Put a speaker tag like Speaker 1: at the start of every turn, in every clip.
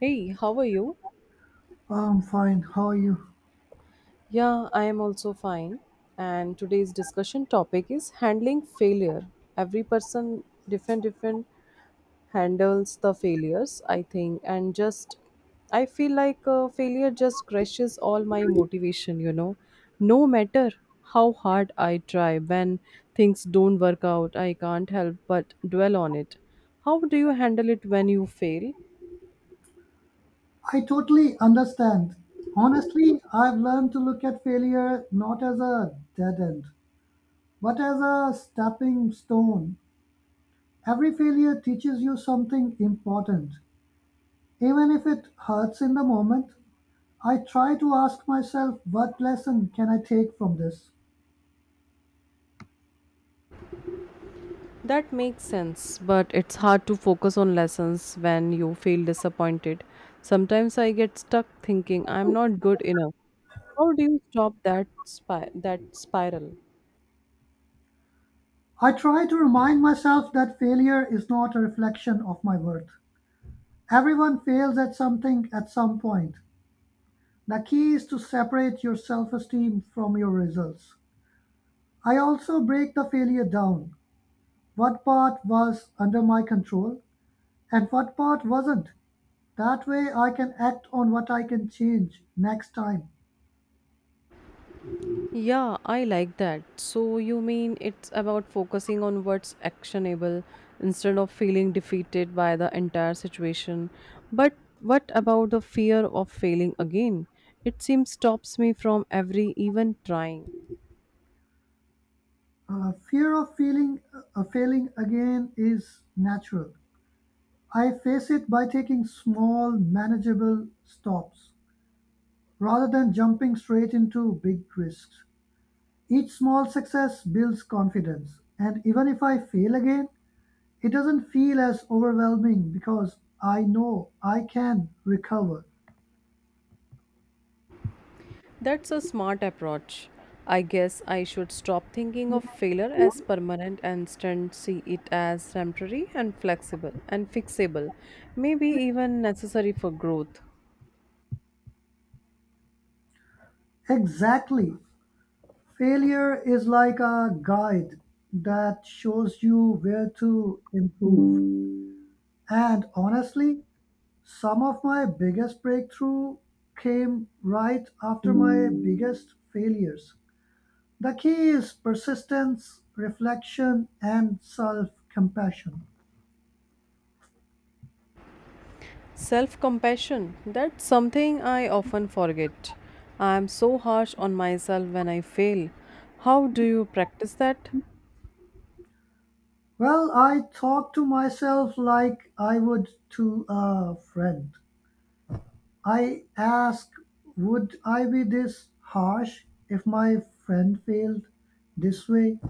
Speaker 1: Hey, how are you?
Speaker 2: I'm fine. How are you?
Speaker 1: Yeah, I am also fine. And today's discussion topic is handling failure. Every person different handles the failures, I think, and just I feel like failure just crushes all my motivation, No matter how hard I try, when things don't work out, I can't help but dwell on it. How do you handle it when you fail?
Speaker 2: I totally understand. Honestly, I've learned to look at failure not as a dead end, but as a stepping stone. Every failure teaches you something important. Even if it hurts in the moment, I try to ask myself, what lesson can I take from this?
Speaker 1: That makes sense, but it's hard to focus on lessons when you feel disappointed. Sometimes I get stuck thinking I'm not good enough. How do you stop that spiral?
Speaker 2: I try to remind myself that failure is not a reflection of my worth. Everyone fails at something at some point. The key is to separate your self-esteem from your results. I also break the failure down. What part was under my control and what part wasn't. That way I can act on what I can change next time.
Speaker 1: Yeah, I like that. So you mean it's about focusing on what's actionable instead of feeling defeated by the entire situation. But what about the fear of failing again? It seems stops me from every even trying.
Speaker 2: Fear of feeling failing again is natural. I face it by taking small, manageable stops rather than jumping straight into big risks. Each small success builds confidence, and even if I fail again, it doesn't feel as overwhelming because I know I can recover.
Speaker 1: That's a smart approach. I guess I should stop thinking of failure as permanent and instead see it as temporary and flexible and fixable, maybe even necessary for growth.
Speaker 2: Exactly. Failure is like a guide that shows you where to improve. And honestly, some of my biggest breakthrough came right after my biggest failures. The key is persistence, reflection, and self compassion.
Speaker 1: Self compassion, that's something I often forget. I am so harsh on myself when I fail. How do you practice that?
Speaker 2: Well, I talk to myself like I would to a friend. I ask, would I be this harsh if my friend failed this way?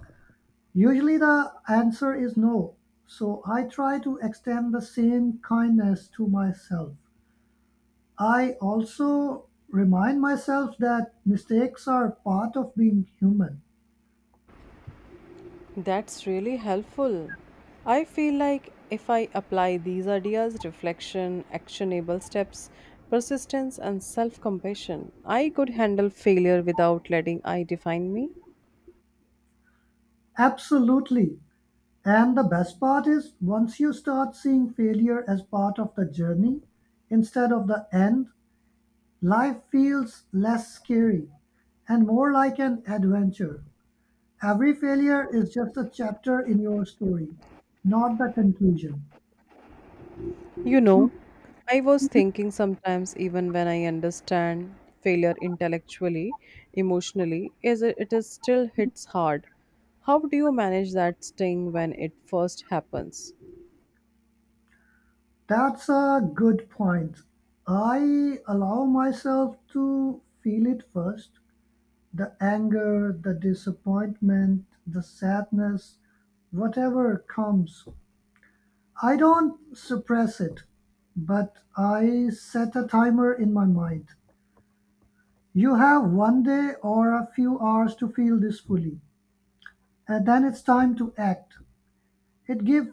Speaker 2: Usually the answer is no. So I try to extend the same kindness to myself. I also remind myself that mistakes are part of being human.
Speaker 1: That's really helpful. I feel like if I apply these ideas reflection, actionable steps, persistence, and self compassion I could handle failure without letting I define me.
Speaker 2: Absolutely. And the best part is, once you start seeing failure as part of the journey instead of the end, life feels less scary and more like an adventure. Every failure is just a chapter in your story, not the conclusion.
Speaker 1: You know, I was thinking sometimes, even when I understand failure intellectually, emotionally, it is still hits hard. How do you manage that sting when it first happens?
Speaker 2: That's a good point. I allow myself to feel it first, the anger, the disappointment, the sadness, whatever comes. I don't suppress it, but I set a timer in my mind. You have one day or a few hours to feel this fully, and then it's time to act. It gives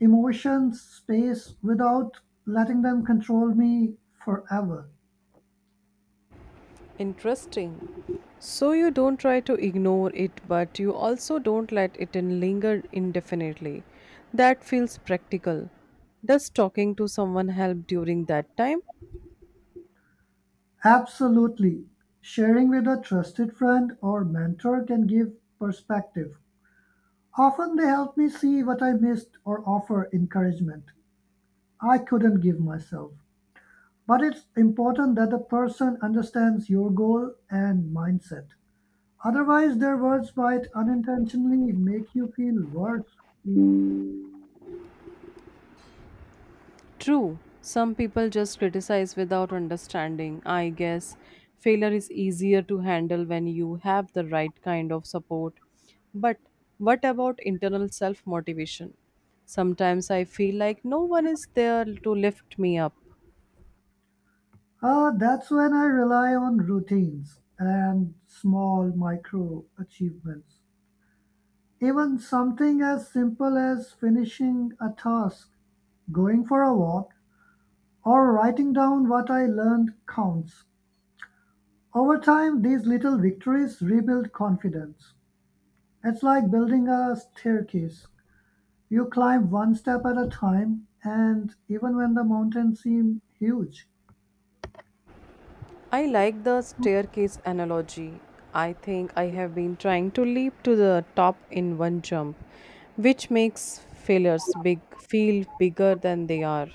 Speaker 2: emotions space without letting them control me forever.
Speaker 1: Interesting. So you don't try to ignore it, but you also don't let linger indefinitely. That feels practical. Does talking to someone help during that time?
Speaker 2: Absolutely. Sharing with a trusted friend or mentor can give perspective. Often they help me see what I missed or offer encouragement I couldn't give myself. But it's important that the person understands your goal and mindset. Otherwise, their words might unintentionally make you feel worse.
Speaker 1: True. Some people just criticize without understanding. I guess failure is easier to handle when you have the right kind of support. But what about internal self motivation? Sometimes I feel like no one is there to lift me up.
Speaker 2: That's when I rely on routines and small micro achievements. Even something as simple as finishing a task, going for a walk, or writing down what I learned counts. Over time, these little victories rebuild confidence. It's like building a staircase. You climb one step at a time, and even when the mountains seem huge.
Speaker 1: I like the staircase analogy. I think I have been trying to leap to the top in one jump, which makes failures big feel bigger than they are.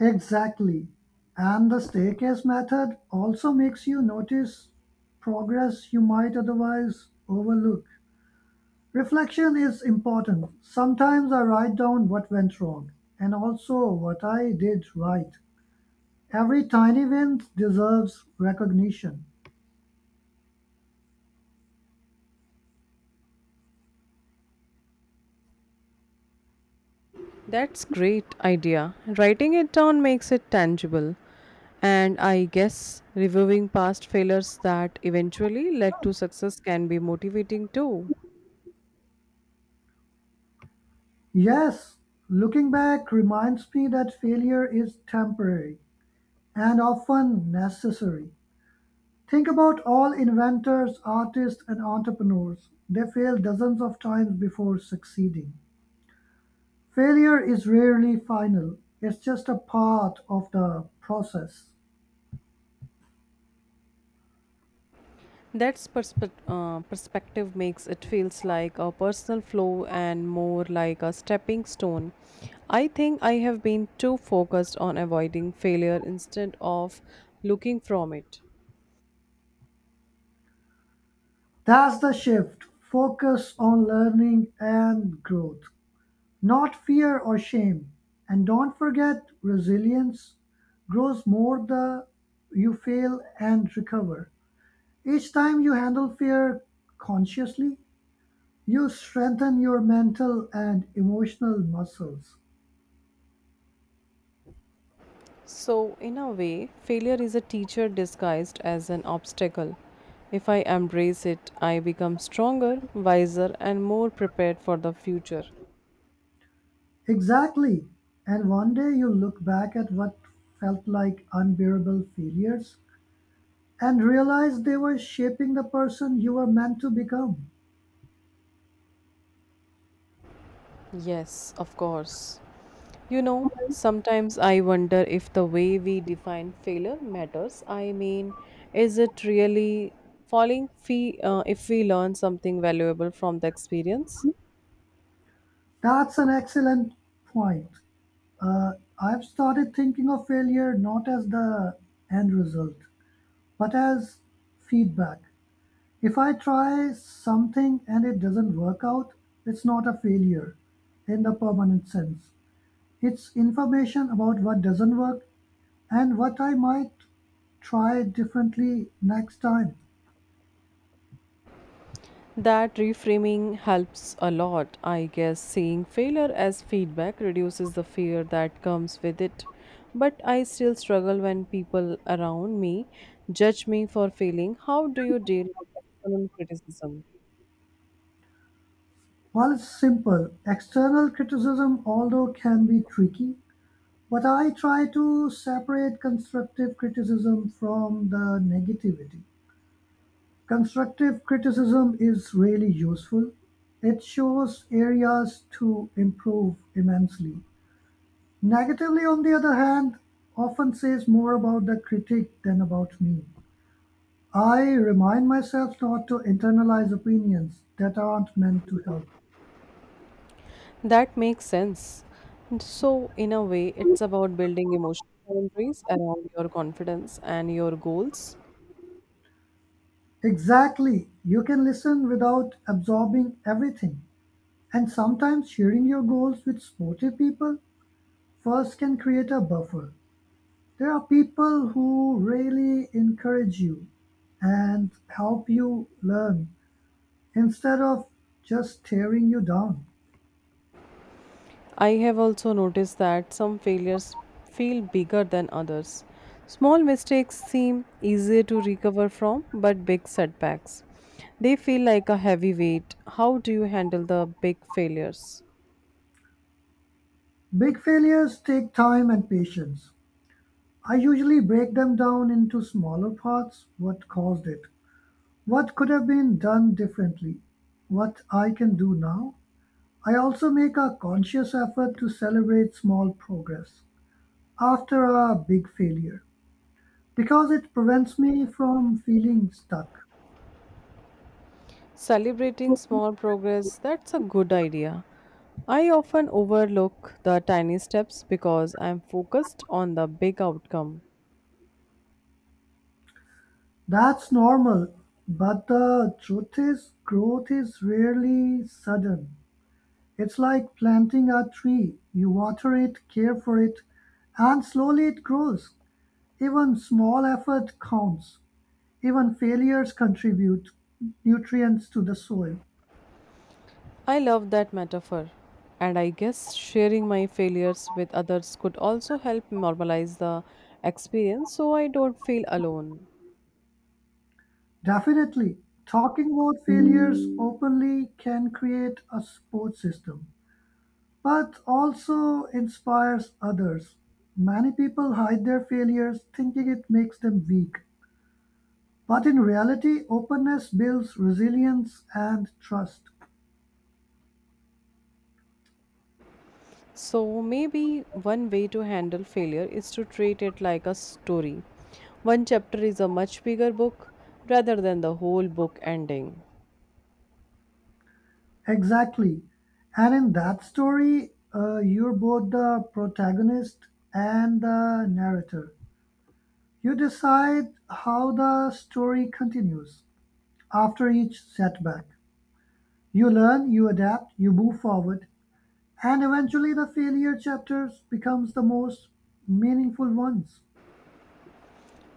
Speaker 2: Exactly. And the staircase method also makes you notice progress you might otherwise overlook. Reflection is important. Sometimes I write down what went wrong and also what I did right. Every tiny win deserves recognition.
Speaker 1: That's great idea. Writing it down makes it tangible. And I guess reviewing past failures that eventually led to success can be motivating too.
Speaker 2: Yes, looking back reminds me that failure is temporary and often necessary. Think about all inventors, artists, and entrepreneurs. They fail dozens of times before succeeding. Failure is rarely final, it's just a part of the process.
Speaker 1: Perspective makes it feels like a personal flow and more like a stepping stone. I think I have been too focused on avoiding failure instead of looking from it.
Speaker 2: That's the shift. Focus on learning and growth, not fear or shame. And don't forget, resilience grows more the you fail and recover. Each time you handle fear consciously, you strengthen your mental and emotional muscles.
Speaker 1: So, in a way, failure is a teacher disguised as an obstacle. If I embrace it, I become stronger, wiser, and more prepared for the future.
Speaker 2: Exactly. And one day you look back at what felt like unbearable failures and realize they were shaping the person you were meant to become.
Speaker 1: Yes, of course. You know, sometimes I wonder if the way we define failure matters. I mean, is it really falling fee if we learn something valuable from the experience?
Speaker 2: That's an excellent point. Uh, I've started thinking of failure not as the end result, but as feedback. If I try something and it doesn't work out, it's not a failure in the permanent sense. It's information about what doesn't work and what I might try differently next time.
Speaker 1: That reframing helps a lot. I guess seeing failure as feedback reduces the fear that comes with it. But I still struggle when people around me judge me for failing. How do you deal with external criticism?
Speaker 2: While it's simple, external criticism although can be tricky, but I try to separate constructive criticism from the negativity. Constructive criticism is really useful. It shows areas to improve immensely. Negatively, on the other hand, often says more about the critic than about me. I remind myself not to internalize opinions that aren't meant to help.
Speaker 1: That makes sense. And so, in a way, it's about building emotional boundaries around your confidence and your goals.
Speaker 2: Exactly. You can listen without absorbing everything. And sometimes sharing your goals with supportive people first can create a buffer. There are people who really encourage you and help you learn instead of just tearing you down.
Speaker 1: I have also noticed that some failures feel bigger than others. Small mistakes seem easier to recover from, but big setbacks. They feel like a heavy weight. How do you handle the big failures?
Speaker 2: Big failures take time and patience. I usually break them down into smaller parts. What caused it? What could have been done differently? What I can do now? I also make a conscious effort to celebrate small progress after a big failure because it prevents me from feeling stuck.
Speaker 1: Celebrating small progress, that's a good idea. I often overlook the tiny steps because I'm focused on the big outcome.
Speaker 2: That's normal, but the truth is, growth is rarely sudden. It's like planting a tree. You water it, care for it, and slowly it grows. Even small effort counts. Even failures contribute nutrients to the soil.
Speaker 1: I love that metaphor, and I guess sharing my failures with others could also help normalize the experience so I don't feel alone.
Speaker 2: Definitely. Talking about failures openly can create a support system, but also inspires others. Many people hide their failures thinking it makes them weak. But in reality, openness builds resilience and trust.
Speaker 1: So, maybe one way to handle failure is to treat it like a story. One chapter is a much bigger book rather than the whole book ending.
Speaker 2: Exactly. And in that story, you're both the protagonist and the narrator. You decide how the story continues after each setback. You learn, you adapt, you move forward, and eventually the failure chapters becomes the most meaningful ones.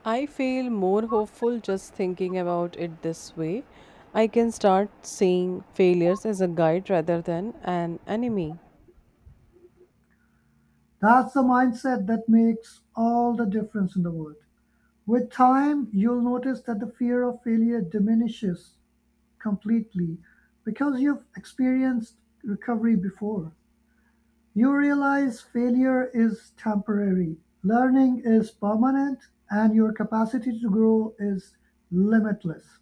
Speaker 1: I feel more hopeful just thinking about it this way. I can start seeing failures as a guide rather than an enemy.
Speaker 2: That's the mindset that makes all the difference in the world. With time, you'll notice that the fear of failure diminishes completely because you've experienced recovery before. You realize failure is temporary, learning is permanent, and your capacity to grow is limitless.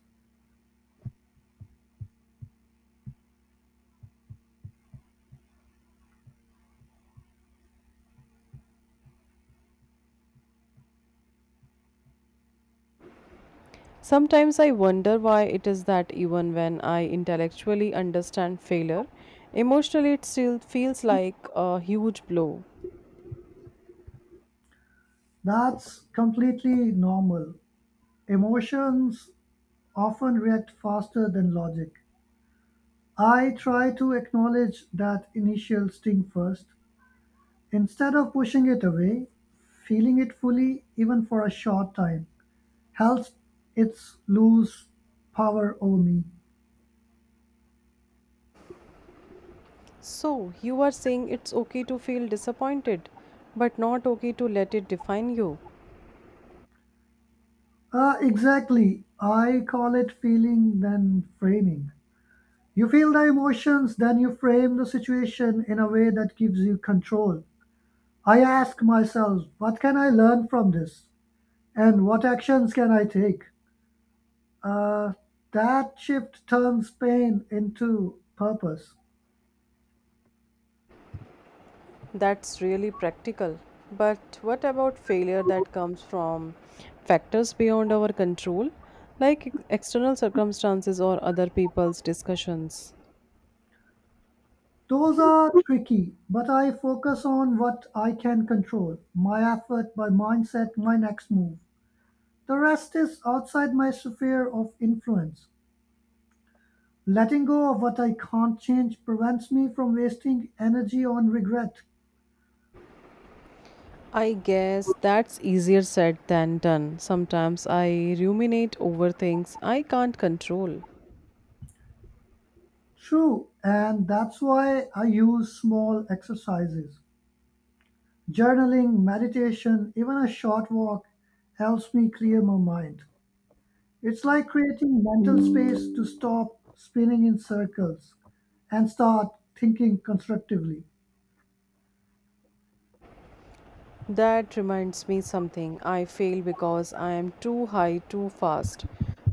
Speaker 1: Sometimes I wonder why it is that even when I intellectually understand failure, emotionally it still feels like a huge blow.
Speaker 2: That's completely normal. Emotions often react faster than logic. I try to acknowledge that initial sting first. Instead of pushing it away, feeling it fully, even for a short time, helps its lose power over me.
Speaker 1: So, you are saying it's okay to feel disappointed, but not okay to let it define you.
Speaker 2: Exactly. I call it feeling then framing. You feel the emotions, then you frame the situation in a way that gives you control. I ask myself, what can I learn from this? And what actions can I take? Uh, that shift turns pain into purpose.
Speaker 1: That's really practical. But what about failure that comes from factors beyond our control, like external circumstances or other people's discussions?
Speaker 2: Those are tricky, but I focus on what I can control, my effort, my mindset, my next move. The rest is outside my sphere of influence. Letting go of what I can't change prevents me from wasting energy on regret.
Speaker 1: I guess that's easier said than done. Sometimes I ruminate over things I can't control.
Speaker 2: True, and that's why I use small exercises. Journaling, meditation, even a short walk helps me clear my mind. It's like creating mental space to stop spinning in circles and start thinking constructively.
Speaker 1: That reminds me something. I fail because I am too high too fast.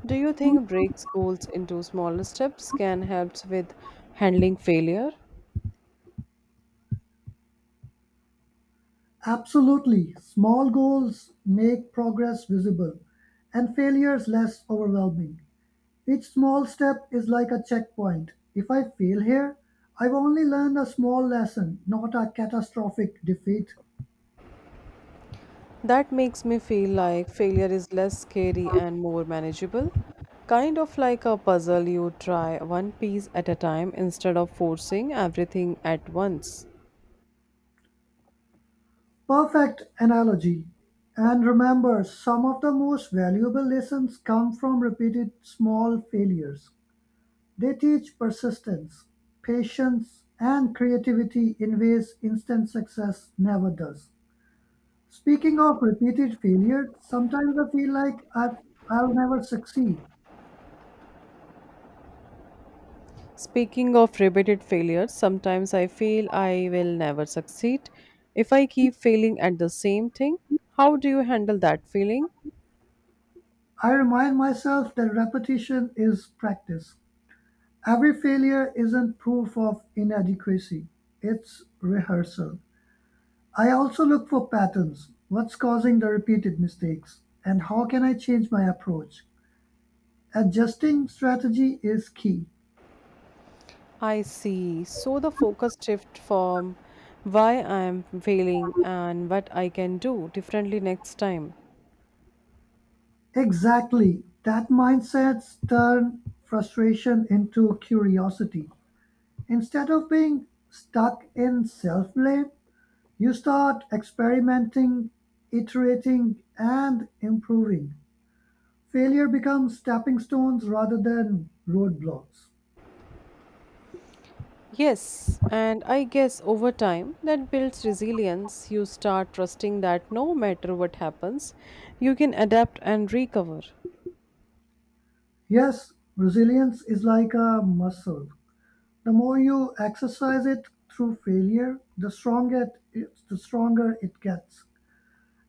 Speaker 1: Do you think breaks goals into smaller steps can help with handling failure?
Speaker 2: Absolutely, small goals make progress visible and failures less overwhelming. Each small step is like a checkpoint. If I fail here, I've only learned a small lesson, not a catastrophic defeat.
Speaker 1: That makes me feel like failure is less scary and more manageable. Kind of like a puzzle, you try one piece at a time instead of forcing everything at once.
Speaker 2: Perfect analogy. And remember, some of the most valuable lessons come from repeated small failures. They teach persistence, patience, and creativity in ways instant success never does. Speaking of repeated failure, sometimes I feel like I'll never succeed.
Speaker 1: Speaking of repeated failures, sometimes I feel I will never succeed if I keep failing at the same thing. How do you handle that feeling?
Speaker 2: I remind myself that repetition is practice. Every failure isn't proof of inadequacy, it's rehearsal. I also look for patterns. What's causing the repeated mistakes? And how can I change my approach? Adjusting strategy is key.
Speaker 1: I see. So the focus shift from why I am failing and what I can do differently next time.
Speaker 2: Exactly. That mindset's turn frustration into curiosity. Instead of being stuck in self blame, you start experimenting, iterating, and improving. Failure becomes stepping stones rather than roadblocks.
Speaker 1: Yes, and I guess over time that builds resilience. You start trusting that no matter what happens, you can adapt and recover.
Speaker 2: Yes, resilience is like a muscle. The more you exercise it through failure, the stronger it gets.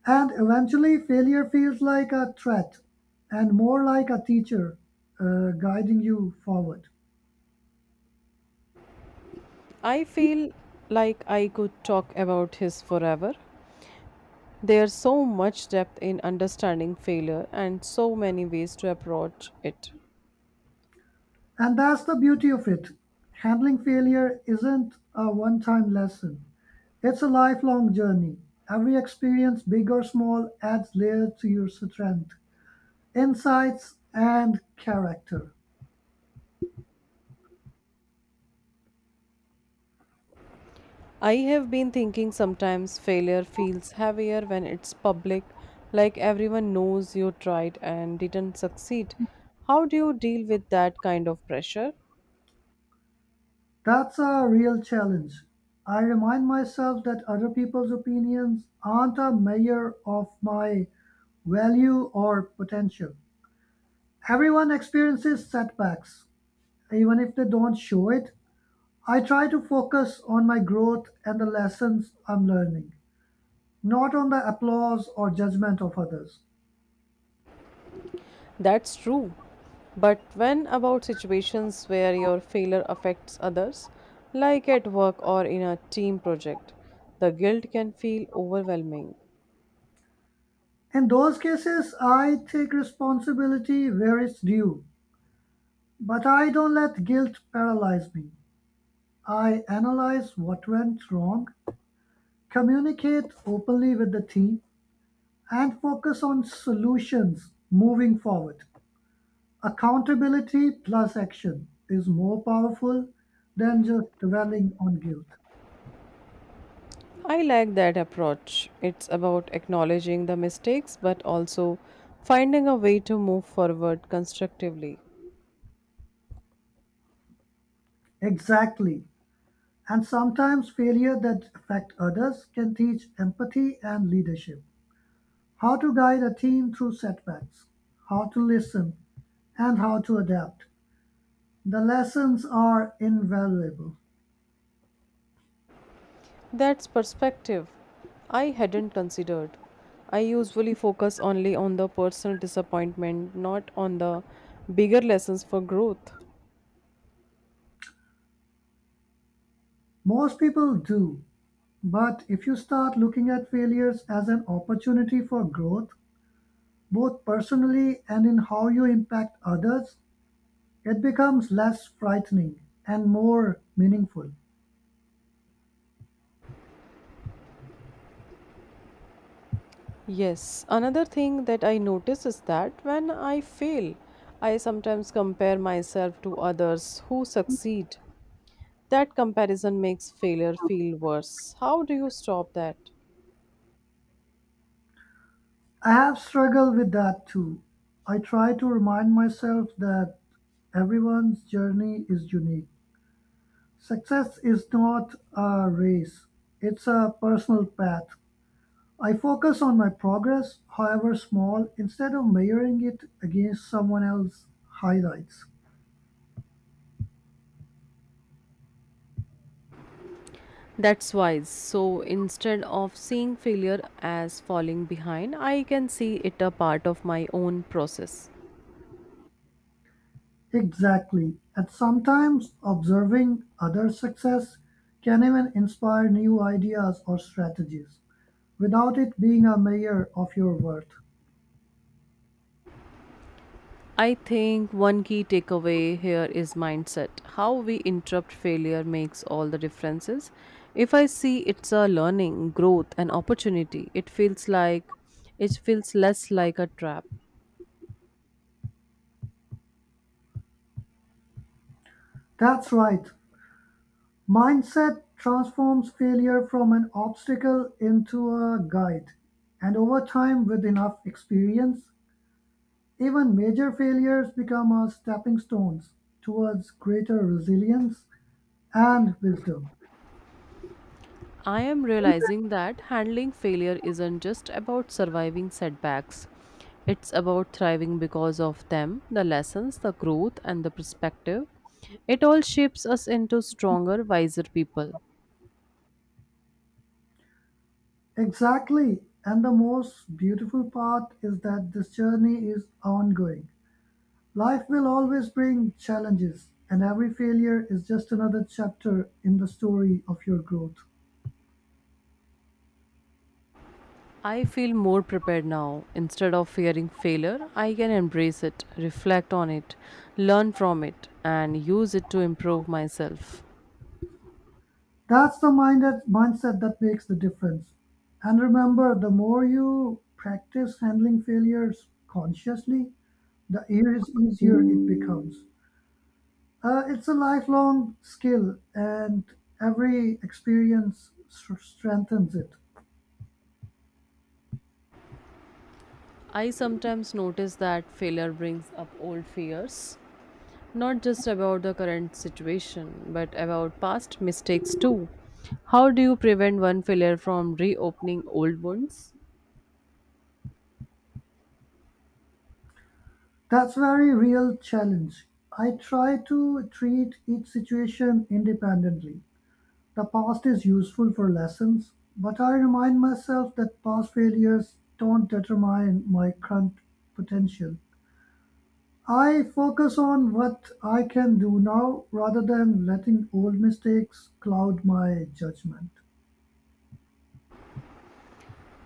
Speaker 2: And eventually, failure feels like a threat and more like a teacher guiding you forward.
Speaker 1: I feel like I could talk about his forever. There's so much depth in understanding failure and so many ways to approach it.
Speaker 2: And that's the beauty of it. Handling failure isn't a one time lesson, it's a lifelong journey. Every experience, big or small, adds layer to your strength, insights, and character.
Speaker 1: I have been thinking sometimes failure feels heavier when it's public, like everyone knows you tried and didn't succeed. How do you deal with that kind of pressure?
Speaker 2: That's a real challenge. I remind myself that other people's opinions aren't a measure of my value or potential. Everyone experiences setbacks, even if they don't show it. I try to focus on my growth and the lessons I'm learning, not on the applause or judgment of others.
Speaker 1: That's true. But when about situations where your failure affects others, like at work or in a team project, the guilt can feel overwhelming.
Speaker 2: In those cases, I take responsibility where it's due, but I don't let guilt paralyze me. I analyze what went wrong, communicate openly with the team, and focus on solutions moving forward. Accountability plus action is more powerful than just dwelling on guilt.
Speaker 1: I like that approach. It's about acknowledging the mistakes but also finding a way to move forward constructively.
Speaker 2: Exactly. And sometimes failure that affect others can teach empathy and leadership. How to guide a team through setbacks, how to listen, and how to adapt. The lessons are invaluable.
Speaker 1: That's perspective I hadn't considered. I usually focus only on the personal disappointment, not on the bigger lessons for growth.
Speaker 2: Most people do, but if you start looking at failures as an opportunity for growth, both personally and in how you impact others, it becomes less frightening and more meaningful.
Speaker 1: Yes, another thing that I notice is that when I fail, I sometimes compare myself to others who succeed. That comparison makes failure feel worse. How do you stop that?
Speaker 2: I have struggled with that too. I try to remind myself that everyone's journey is unique. Success is not a race, it's a personal path. I focus on my progress, however small, instead of measuring it against someone else's highlights.
Speaker 1: That's wise. So instead of seeing failure as falling behind, I can see it a part of my own process.
Speaker 2: Exactly. And sometimes observing other success can even inspire new ideas or strategies without it being a measure of your worth.
Speaker 1: I think one key takeaway here is mindset. How we interrupt failure makes all the differences. If I see it's a learning, growth and opportunity, it feels less like a trap.
Speaker 2: That's right, mindset transforms failure from an obstacle into a guide. And over time, with enough experience, even major failures become a stepping stones towards greater resilience and wisdom.
Speaker 1: I am realizing that handling failure isn't just about surviving setbacks. It's about thriving because of them, the lessons, the growth and the perspective. It all shapes us into stronger, wiser people.
Speaker 2: Exactly. And the most beautiful part is that this journey is ongoing. Life will always bring challenges, and every failure is just another chapter in the story of your growth.
Speaker 1: I feel more prepared now. Instead of fearing failure, I can embrace it, reflect on it, learn from it, and use it to improve myself.
Speaker 2: That's the minded mindset that makes the difference. And remember, the more you practice handling failures consciously, the easier it becomes. It's a lifelong skill, and every experience strengthens it.
Speaker 1: I sometimes notice that failure brings up old fears, not just about the current situation, but about past mistakes too. How do you prevent one failure from reopening old wounds?
Speaker 2: That's very real challenge. I try to treat each situation independently. The past is useful for lessons, but I remind myself that past failures don't determine my current potential. I focus on what I can do now rather than letting old mistakes cloud my judgment.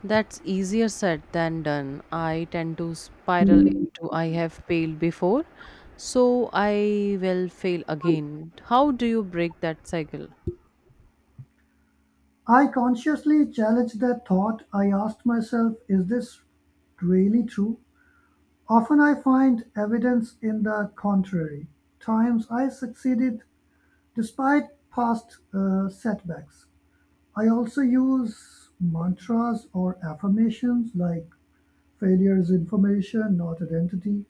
Speaker 1: That's easier said than done. I tend to spiral into I have failed before, so I will fail again. How do you break that cycle?
Speaker 2: I consciously challenge that thought. I asked myself, is this really true? Often I find evidence in the contrary. Times I succeeded despite past setbacks. I also use mantras or affirmations like failure is information, not identity.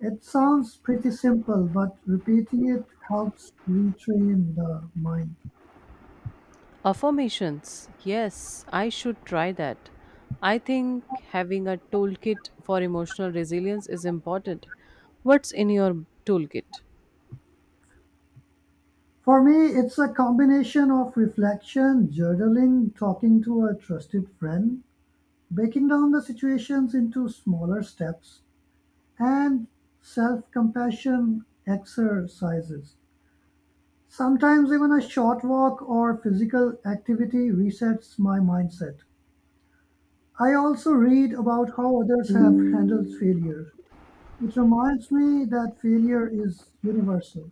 Speaker 2: It sounds pretty simple, but repeating it helps retrain the mind.
Speaker 1: Affirmations. Yes, I should try that. I think having a toolkit for emotional resilience is important. What's in your toolkit?
Speaker 2: For me, it's a combination of reflection, journaling, talking to a trusted friend, breaking down the situations into smaller steps, and self compassion exercises. Sometimes even a short walk or physical activity resets my mindset. I also read about how others have handled failure. It reminds me that failure is universal.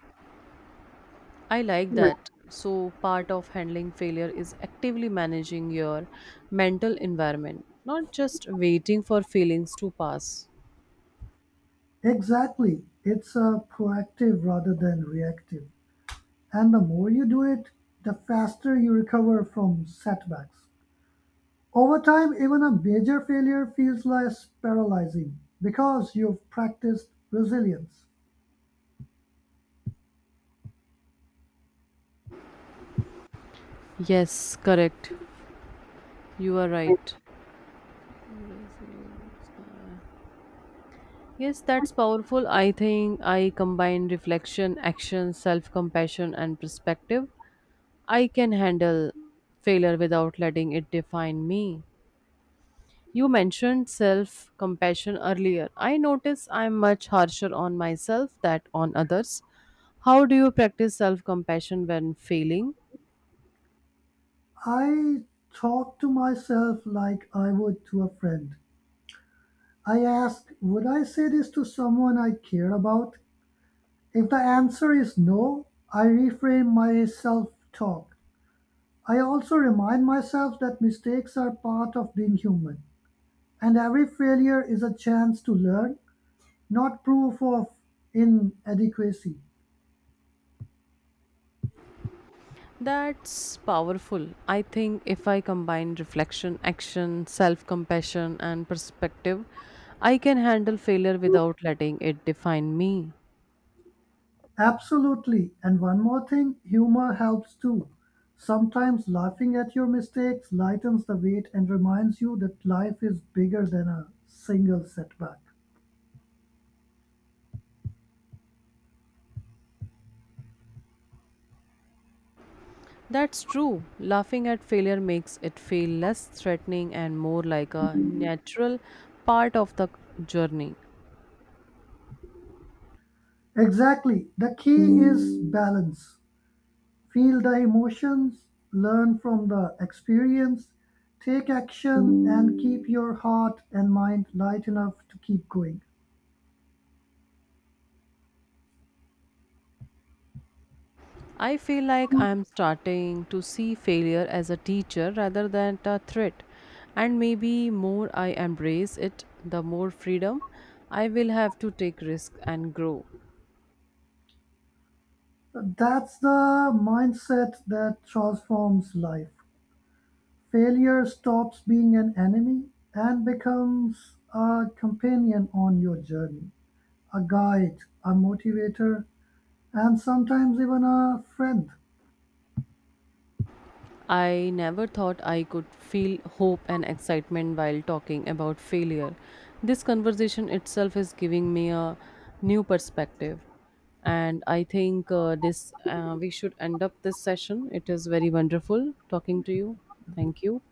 Speaker 1: I like that. So, part of handling failure is actively managing your mental environment, not just waiting for feelings to pass.
Speaker 2: Exactly. It's a proactive rather than reactive. And the more you do it, the faster you recover from setbacks. Over time, even a major failure feels less paralyzing because you've practiced resilience.
Speaker 1: Yes, correct. You are right. Yes, that's powerful. I think I combine reflection, action, self compassion, and perspective. I can handle failure without letting it define me. You mentioned self compassion earlier. I notice I'm much harsher on myself than on others. How do you practice self compassion when failing?
Speaker 2: I talk to myself like I would to a friend. I ask, would I say this to someone I care about? If the answer is no, I reframe my self talk. I also remind myself that mistakes are part of being human, and every failure is a chance to learn, not proof of inadequacy.
Speaker 1: That's powerful. I think if I combine reflection, action, self compassion, and perspective, I can handle failure without letting it define me.
Speaker 2: Absolutely, and one more thing, humor helps too. Sometimes laughing at your mistakes lightens the weight and reminds you that life is bigger than a single setback.
Speaker 1: That's true. Laughing at failure makes it feel less threatening and more like a natural part of the journey.
Speaker 2: Exactly, the key is balance. Feel the emotions, learn from the experience, take action, and keep your heart and mind light enough to keep going.
Speaker 1: I feel like I am starting to see failure as a teacher rather than a threat. And maybe more I embrace it, the more freedom I will have to take risks and grow.
Speaker 2: That's the mindset that transforms life. Failure stops being an enemy and becomes a companion on your journey, a guide, a motivator, and sometimes even a friend.
Speaker 1: I never thought I could feel hope and excitement while talking about failure. This conversation itself is giving me a new perspective. And I think this we should end up this session. It is very wonderful talking to you. Thank you.